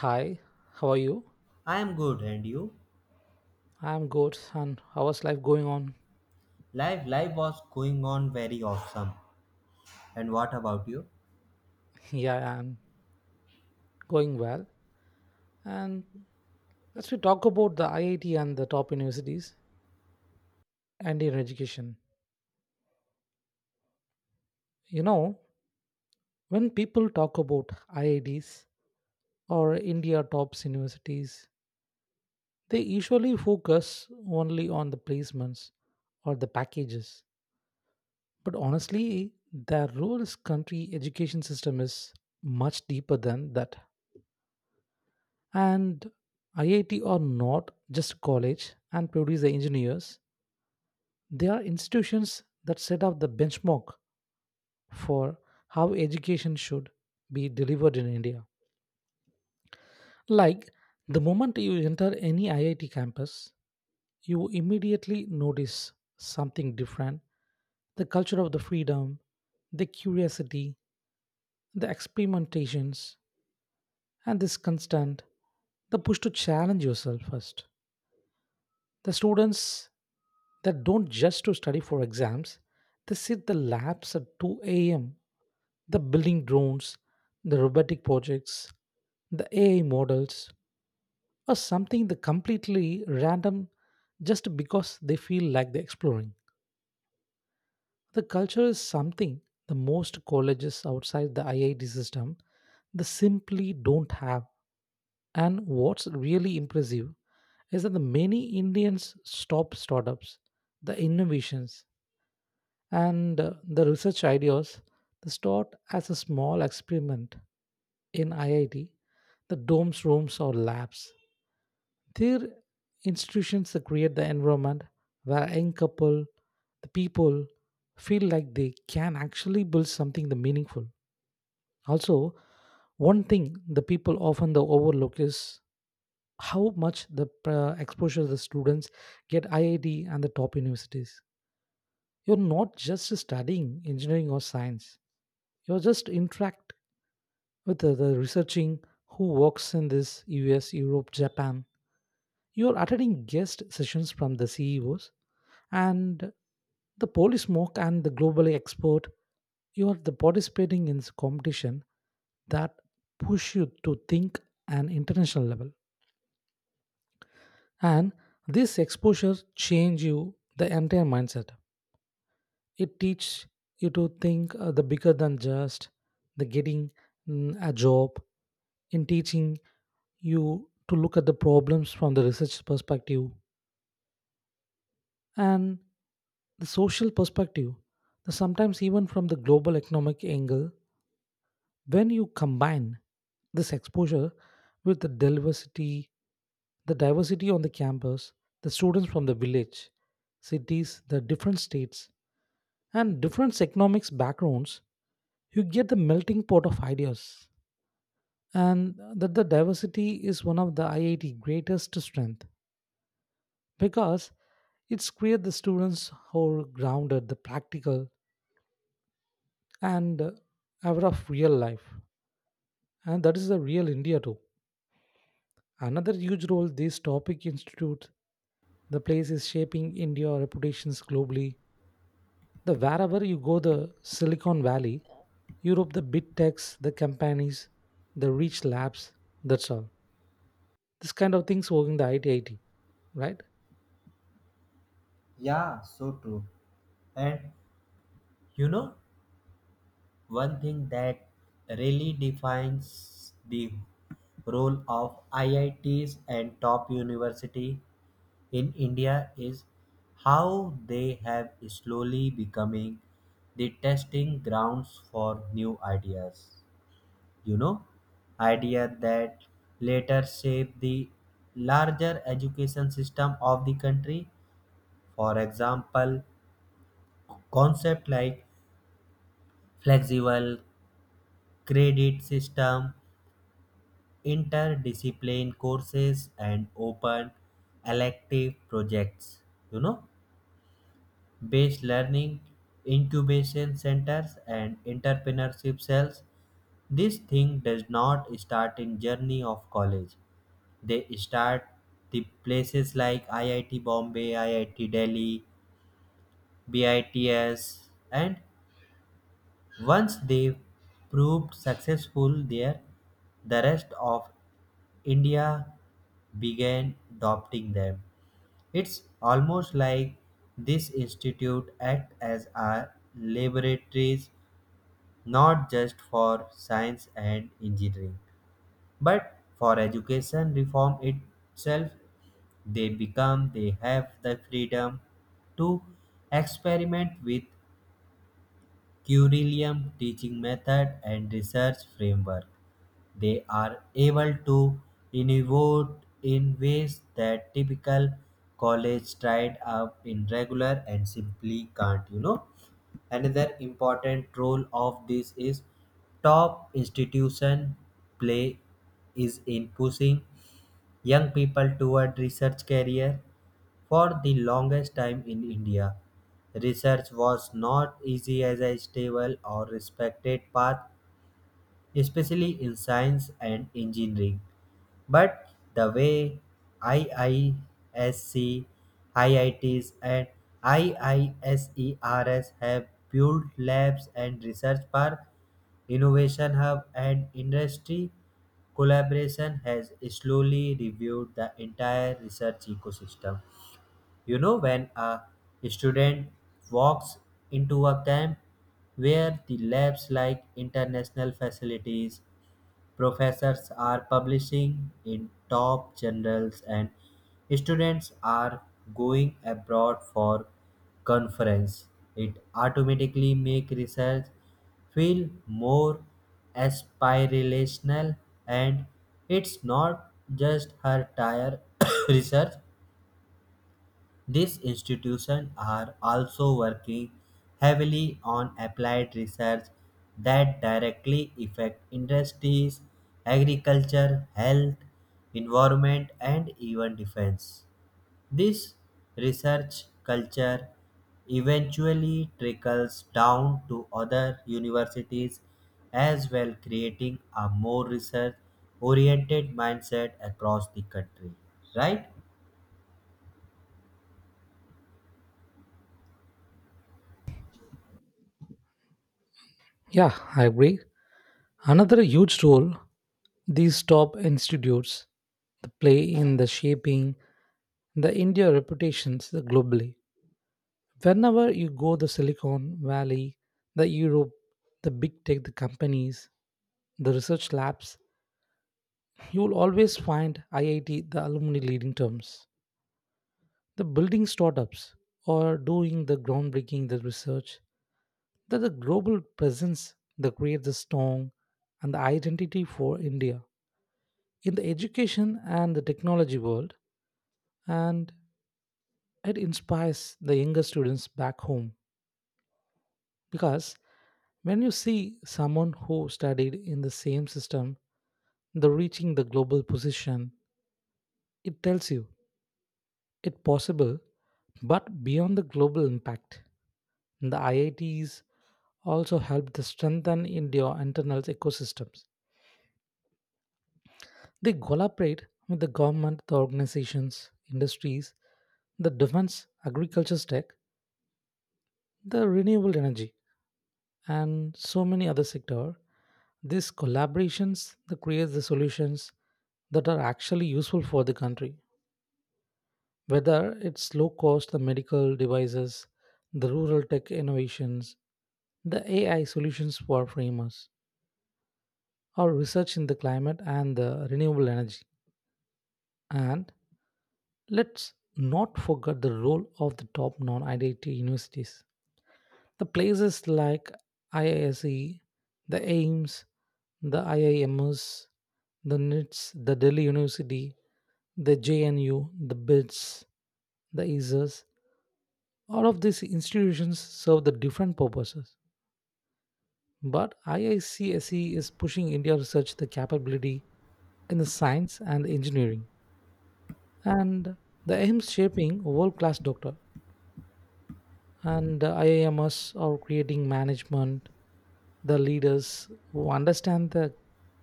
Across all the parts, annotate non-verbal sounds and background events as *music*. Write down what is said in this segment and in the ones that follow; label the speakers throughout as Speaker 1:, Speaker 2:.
Speaker 1: Hi, how are you?
Speaker 2: I am good, and you?
Speaker 1: I'm good. And how is life going on?
Speaker 2: Life was going on very awesome. And what about you?
Speaker 1: *laughs* Yeah, I'm going well. And let's we talk about the IIT and the top universities and in education. You know, when people talk about IITs or India tops universities, they usually focus only on the placements or the packages. But honestly, the role country education system is much deeper than that. And IIT are not just college and produce the engineers. They are institutions that set up the benchmark for how education should be delivered in India. Like the moment you enter any IIT campus, you immediately notice something different. The culture of the freedom, the curiosity, the experimentations, and this constant, the push to challenge yourself first. The students that don't just to study for exams, they sit the labs at 2 a.m. The building drones, the robotic projects, the AI models, or something the completely random just because they feel like they're exploring. The culture is something the most colleges outside the IIT system they simply don't have. And what's really impressive is that the many Indians stop startups, the innovations, and the research ideas they start as a small experiment in IIT, the domes, rooms, or labs. Their institutions that create the environment where young couple, the people feel like they can actually build something the meaningful. Also, one thing the people often the overlook is how much the exposure the students get IIT and the top universities. You're not just studying engineering or science. You are just interact with the researching who works in this US, Europe, Japan. You're attending guest sessions from the CEOs and the police smoke and the globally export. You're the participating in this competition that push you to think an international level. And this exposure change you the entire mindset. It teach you to think the bigger than just the getting a job in teaching you to look at the problems from the research perspective and the social perspective, the sometimes even from the global economic angle. When you combine this exposure with the diversity on the campus, the students from the village, cities, the different states, and different economics backgrounds, you get the melting pot of ideas. And that the diversity is one of the IIT greatest strength because it's create the students who are grounded the practical and aware of real life, and that is the real India too. Another huge role this topic institute the place is shaping India reputations globally, the wherever you go the Silicon Valley, Europe, the big techs, the companies, the rich labs, that's all this kind of things working the it, right?
Speaker 2: Yeah, so true. And you know, one thing that really defines the role of IITs and top university in India is how they have slowly becoming the testing grounds for new ideas. You know, idea that later shaped the larger education system of the country. For example, concepts like flexible credit system, interdiscipline courses, and open elective projects, you know, based learning, incubation centers, and entrepreneurship cells. This thing does not start in journey of college. They start the places like IIT Bombay, IIT Delhi, BITS, and once they proved successful there, the rest of India began adopting them. It's almost like this institute act as our laboratories not just for science and engineering, but for education reform itself. They have the freedom to experiment with curriculum, teaching method, and research framework. They are able to innovate in ways that typical college tried up in regular and simply can't. You know, another important role of this is top institution play is in pushing young people toward research career. For the longest time in India, research was not easy as a stable or respected path, especially in science and engineering. But the way IISc, IITs, and IISERS have built labs and research park, innovation hub, and industry collaboration has slowly reviewed the entire research ecosystem. You know, when a student walks into a camp where the labs like international facilities, professors are publishing in top journals, and students are going abroad for conference, it automatically make research feel more aspirational. And it's not just her tire *coughs* research, these institutions are also working heavily on applied research that directly affect industries, agriculture, health, environment, and even defense. This research culture eventually trickles down to other universities as well, creating a more research oriented mindset across the country, right?
Speaker 1: Yeah, I agree. Another huge role these top institutes play in the shaping the India reputations globally. Whenever you go the Silicon Valley, the Europe, the big tech, the companies, the research labs, you will always find IIT, the alumni leading terms, the building startups or doing the groundbreaking the research. That the global presence that creates the strong and the identity for India in the education and the technology world, and it inspires the younger students back home, because when you see someone who studied in the same system the reaching the global position, it tells you it possible. But beyond the global impact the IITs also help to strengthen India internal ecosystems. They collaborate with the government, the organizations, industries, the defense, agriculture tech, the renewable energy, and so many other sector. These collaborations that creates the solutions that are actually useful for the country, whether it's low cost the medical devices, the rural tech innovations, the AI solutions for framers, or research in the climate and the renewable energy. And let's not forget the role of the top non-IIT universities. The places like IISE, the AIMS, the IIMS, the NITS, the Delhi University, the JNU, the BITS, the ISIS, all of these institutions serve the different purposes. But IICSE is pushing India research the capability in the science and engineering, and the AIMS shaping world-class doctor, and the IIMs are creating management, the leaders who understand the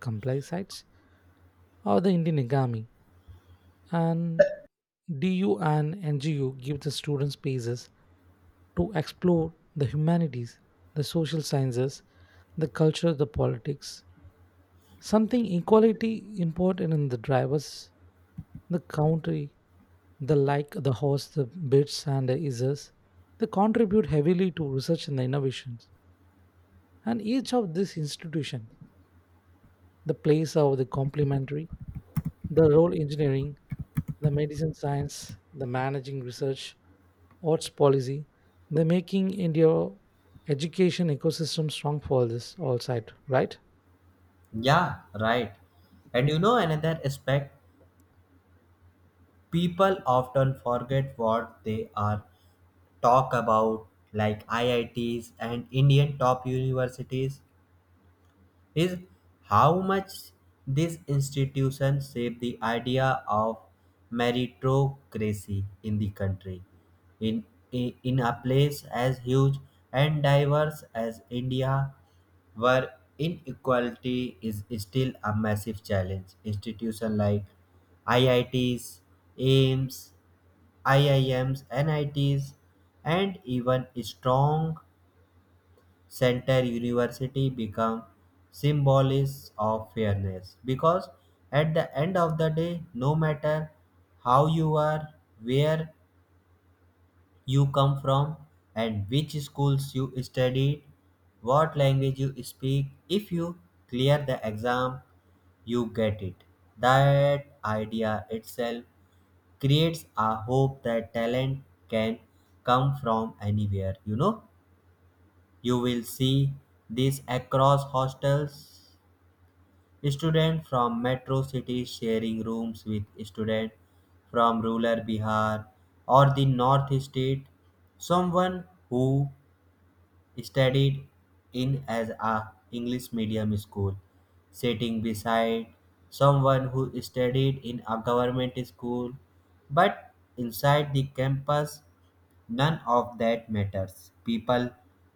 Speaker 1: complex sites or the Indian economy. And DU and NGU give the students spaces to explore the humanities, the social sciences, the culture, the politics. Something equality important in the drivers, the country, the like, the horse, the bits and the isers. They contribute heavily to research and the innovations, and each of these institutions the place of the complementary the role engineering, the medicine science, the managing research, arts policy, the making India education ecosystem strong for this all side, right?
Speaker 2: Yeah, right. And you know another aspect, people often forget what they are talk about, like IITs and Indian top universities. Is how much this institution shaped the idea of meritocracy in the country. In, in a place as huge and diverse as India, where inequality is still a massive challenge, institutions like IITs, AIMS, IIMs, NITs, and even strong center university become symbols of fairness because at the end of the day, no matter how you are, where you come from, and which schools you studied, what language you speak, if you clear the exam, you get it. That idea itself creates a hope that talent can come from anywhere. You know, you will see this across hostels. Students from metro cities sharing rooms with students from rural Bihar or the North State. Someone who studied in as a English medium school, sitting beside someone who studied in a government school, but inside the campus none of that matters. People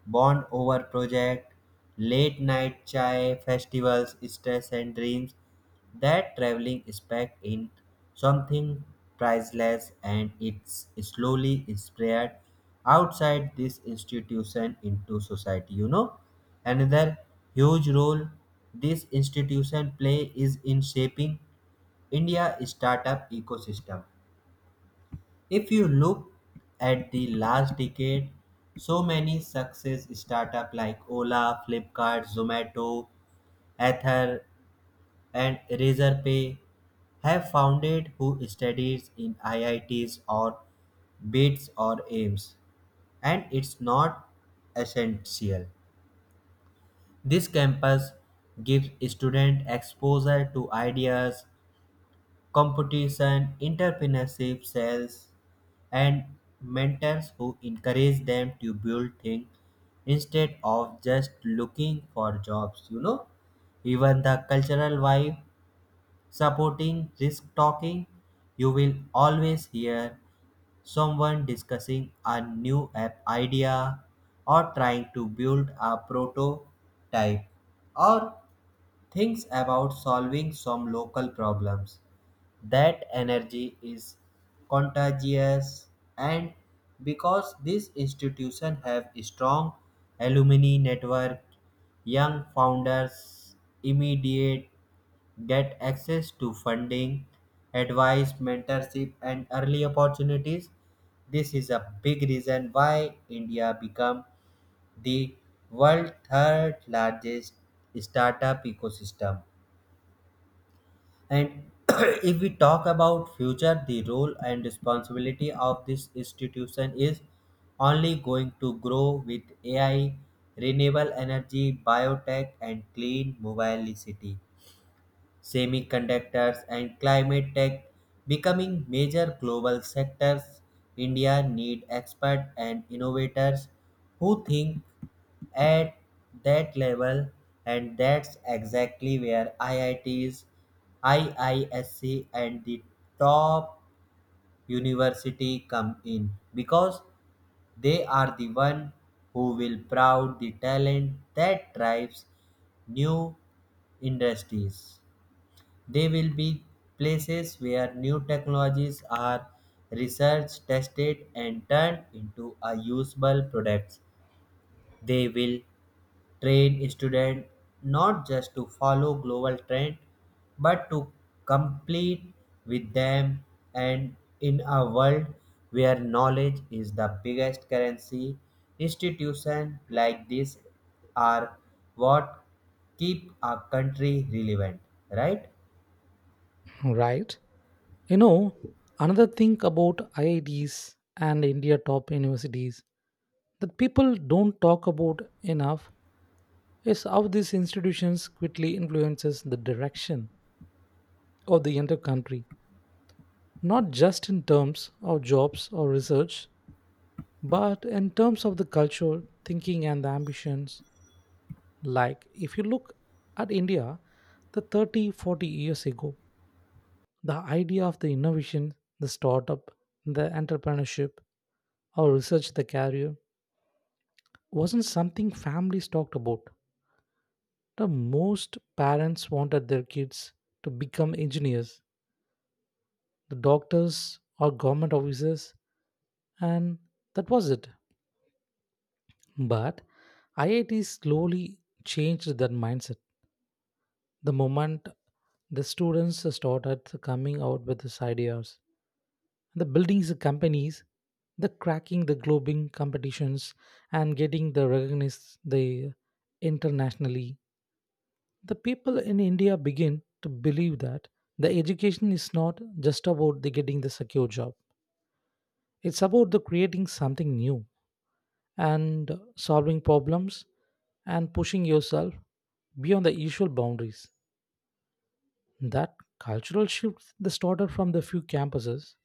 Speaker 2: bond over projects, late night chai, festivals, stress, and dreams. That traveling spark in something priceless and it's slowly spread outside this institution into society. You know, another huge role this institution play is in shaping India startup ecosystem. If you look at the last decade, so many success startups like Ola, Flipkart, Zomato, Ether, and Razorpay have founded who studies in IITs or BITS or AIMS, and it's not essential. This campus gives student exposure to ideas, competition, entrepreneurship, sales, and mentors who encourage them to build things instead of just looking for jobs. You know, even the cultural vibe supporting risk talking, you will always hear someone discussing a new app idea or trying to build a prototype or thinks about solving some local problems. That energy is contagious, and because this institution have strong alumni network, young founders immediate get access to funding, advice, mentorship, and early opportunities. This is a big reason why India become the world's third largest startup ecosystem. And *clears throat* if we talk about future, the role and responsibility of this institution is only going to grow with AI, renewable energy, biotech, and clean mobility, semiconductors, and climate tech becoming major global sectors. India need experts and innovators who think at that level, and that's exactly where IITs, IISc and the top university come in because they are the one who will proud the talent that drives new industries. They will be places where new technologies are researched, tested, and turned into a usable products. They will train students not just to follow global trend, but to complete with them. And in a world where knowledge is the biggest currency, institutions like this are what keep a country relevant, right?
Speaker 1: Right. You know, another thing about IITs and India top universities that people don't talk about enough is how these institutions quickly influences the direction of the entire country, not just in terms of jobs or research, but in terms of the culture, thinking, and the ambitions. Like, if you look at India, the 30, 40 years ago, the idea of the innovation, the startup, the entrepreneurship, or research the career wasn't something families talked about. The most parents wanted their kids to become engineers, the doctors, or government officers, and that was it. But IIT slowly changed that mindset the moment the students started coming out with these ideas. The buildings, the companies, the cracking the globing competitions and getting the recognized the internationally. The people in India begin to believe that the education is not just about the getting the secure job. It's about the creating something new, and solving problems and pushing yourself beyond the usual boundaries. That cultural shift that started from the few campuses,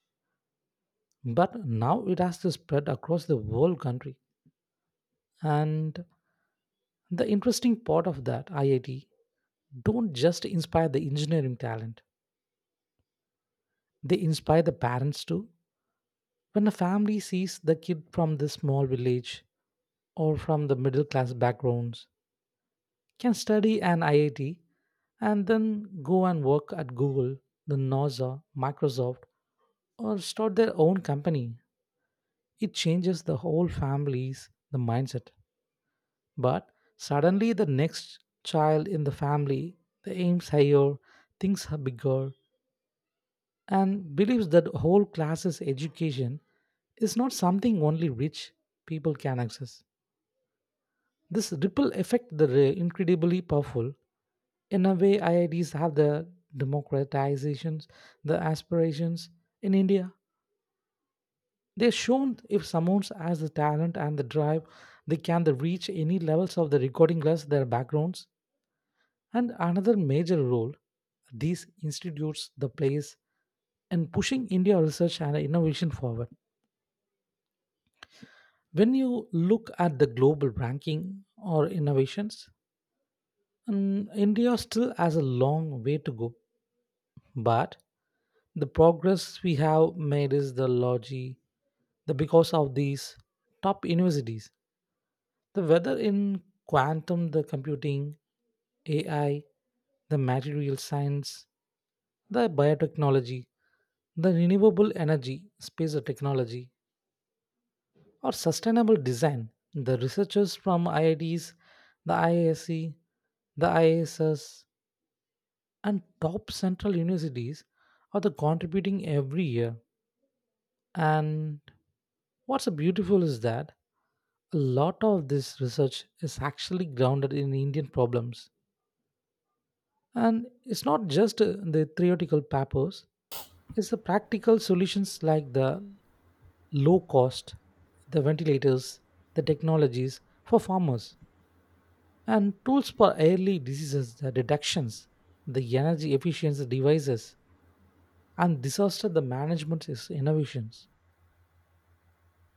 Speaker 1: but now it has to spread across the whole country. And the interesting part of that, IIT don't just inspire the engineering talent, they inspire the parents too. When a family sees the kid from the small village or from the middle class backgrounds can study an IIT and then go and work at Google, the NASA, Microsoft, or start their own company. It changes the whole family's the mindset. But suddenly the next child in the family the aims higher, thinks are bigger, and believes that whole class's education is not something only rich people can access. This ripple effect that is incredibly powerful. In a way, IITs have the democratizations, the aspirations in India. They're shown if someone has the talent and the drive, they can the reach any levels of the recording class, their backgrounds. And another major role these institutes the plays in pushing India research and innovation forward. When you look at the global ranking or innovations, India still has a long way to go. But the progress we have made is the logi, the because of these top universities. The whether in quantum, the computing, AI, the material science, the biotechnology, the renewable energy, space technology, or sustainable design. The researchers from IITs, the IISc, the ISS, and top central universities are the contributing every year. And what's so beautiful is that a lot of this research is actually grounded in Indian problems. And it's not just the theoretical papers, it's the practical solutions like the low cost, the ventilators, the technologies for farmers, and tools for early diseases, the deductions, the energy efficiency devices, and disaster the management is innovations.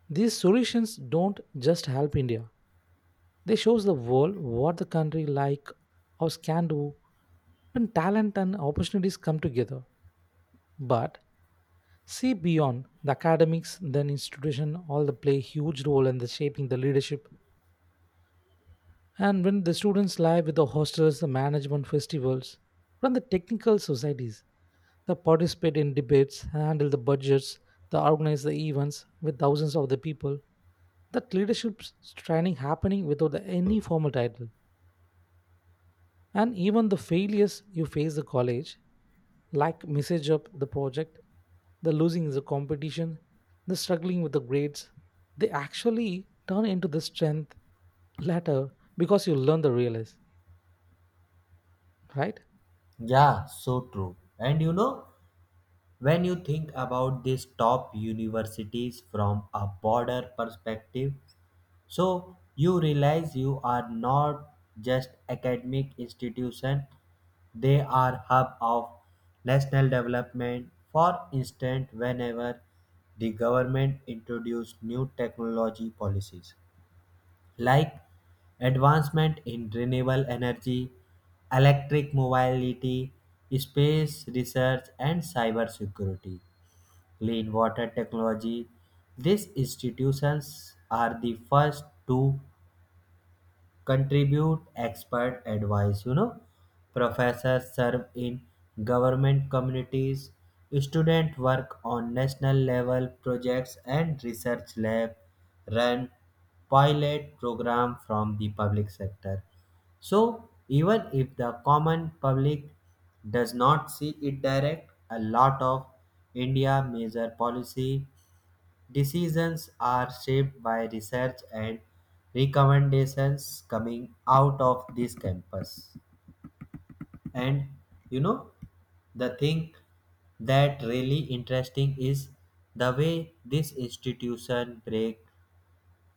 Speaker 1: These solutions don't just help India. They shows the world what the country like us can do when talent and opportunities come together. But see beyond the academics, then institution all the play huge role in the shaping the leadership. And when the students live with the hostels, the management festivals, from the technical societies, they participate in debates, handle the budgets, they organize the events with thousands of the people. That leadership training happening without any formal title. And even the failures you face the college, like message up the project, the losing the competition, the struggling with the grades, they actually turn into the strength later because you learn the realize, right?
Speaker 2: Yeah, so true. And you know, when you think about these top universities from a broader perspective, so you realize you are not just academic institution, they are hub of national development. For instance, whenever the government introduced new technology policies like advancement in renewable energy, electric mobility, space research, and cybersecurity, clean water technology. These institutions are the first to contribute expert advice. You know, professors serve in government communities. Students work on national level projects and research lab run pilot program from the public sector. So even if the common public does not see it direct, a lot of India major policy decisions are shaped by research and recommendations coming out of this campus. And you know, the thing that really interesting is the way this institution break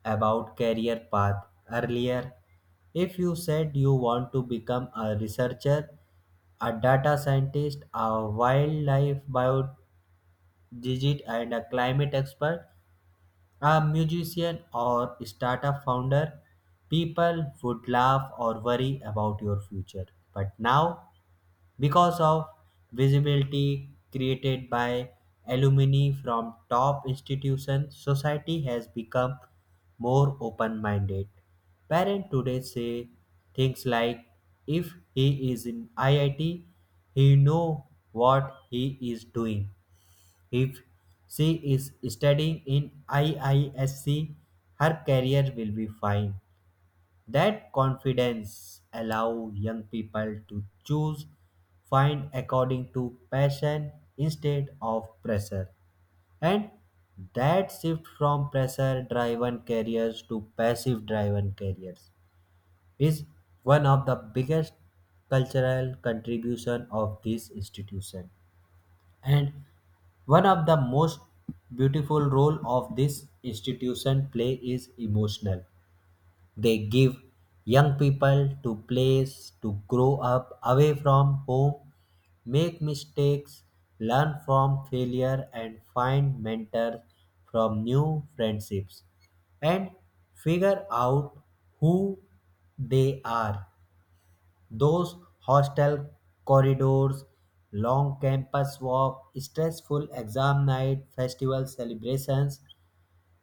Speaker 2: about career path earlier. If you said you want to become a researcher, a data scientist, a wildlife biologist, and a climate expert, a musician or startup founder, people would laugh or worry about your future. But now, because of visibility created by alumni from top institutions, society has become more open minded. Parents today say things like if he is in IIT, he know what he is doing. If she is studying in IISC, her career will be fine. That confidence allow young people to choose find according to passion instead of pressure. And that shift from pressure driven careers to passive driven careers is one of the biggest cultural contribution of this institution. And one of the most beautiful role of this institution play is emotional. They give young people to place to grow up away from home, make mistakes, learn from failure and find mentors, from new friendships, and figure out who they are. Those hostel corridors, long campus walks, stressful exam night, festival celebrations,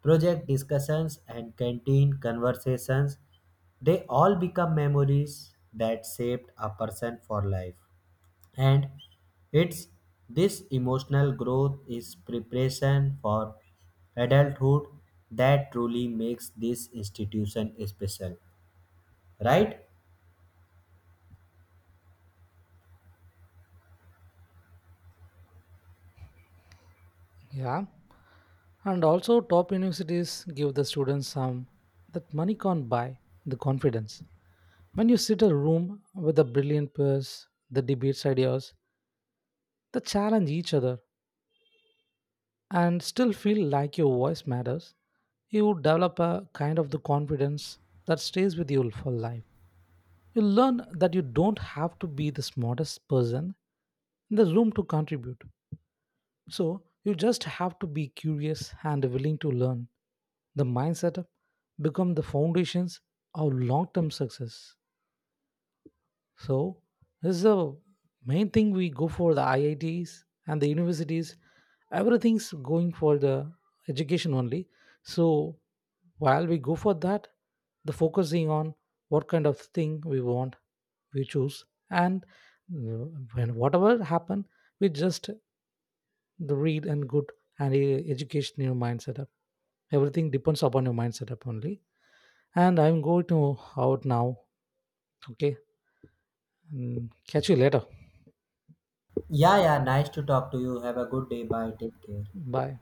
Speaker 2: project discussions, and canteen conversations, they all become memories that shaped a person for life. And it's this emotional growth is preparation for adulthood that truly makes this institution special, right?
Speaker 1: Yeah. And also top universities give the students some that money can't buy the confidence. When you sit a room with the brilliant peers, the debates ideas, the challenge each other and still feel like your voice matters, you would develop a kind of the confidence that stays with you for life. You learn that you don't have to be the smartest person in the room to contribute. So you just have to be curious and willing to learn. The mindset become the foundations of long-term success. So this is the main thing we go for the IITs and the universities. Everything's going for the education only. So while we go for that, the focusing on what kind of thing we want, we choose, and uh, when whatever happen, we just the read and good and education your mind setup. Everything depends upon your mind setup only. And I'm going to out now. Okay, catch you later.
Speaker 2: Yeah, yeah, nice to talk to you. Have a good day. Bye. Take care.
Speaker 1: Bye.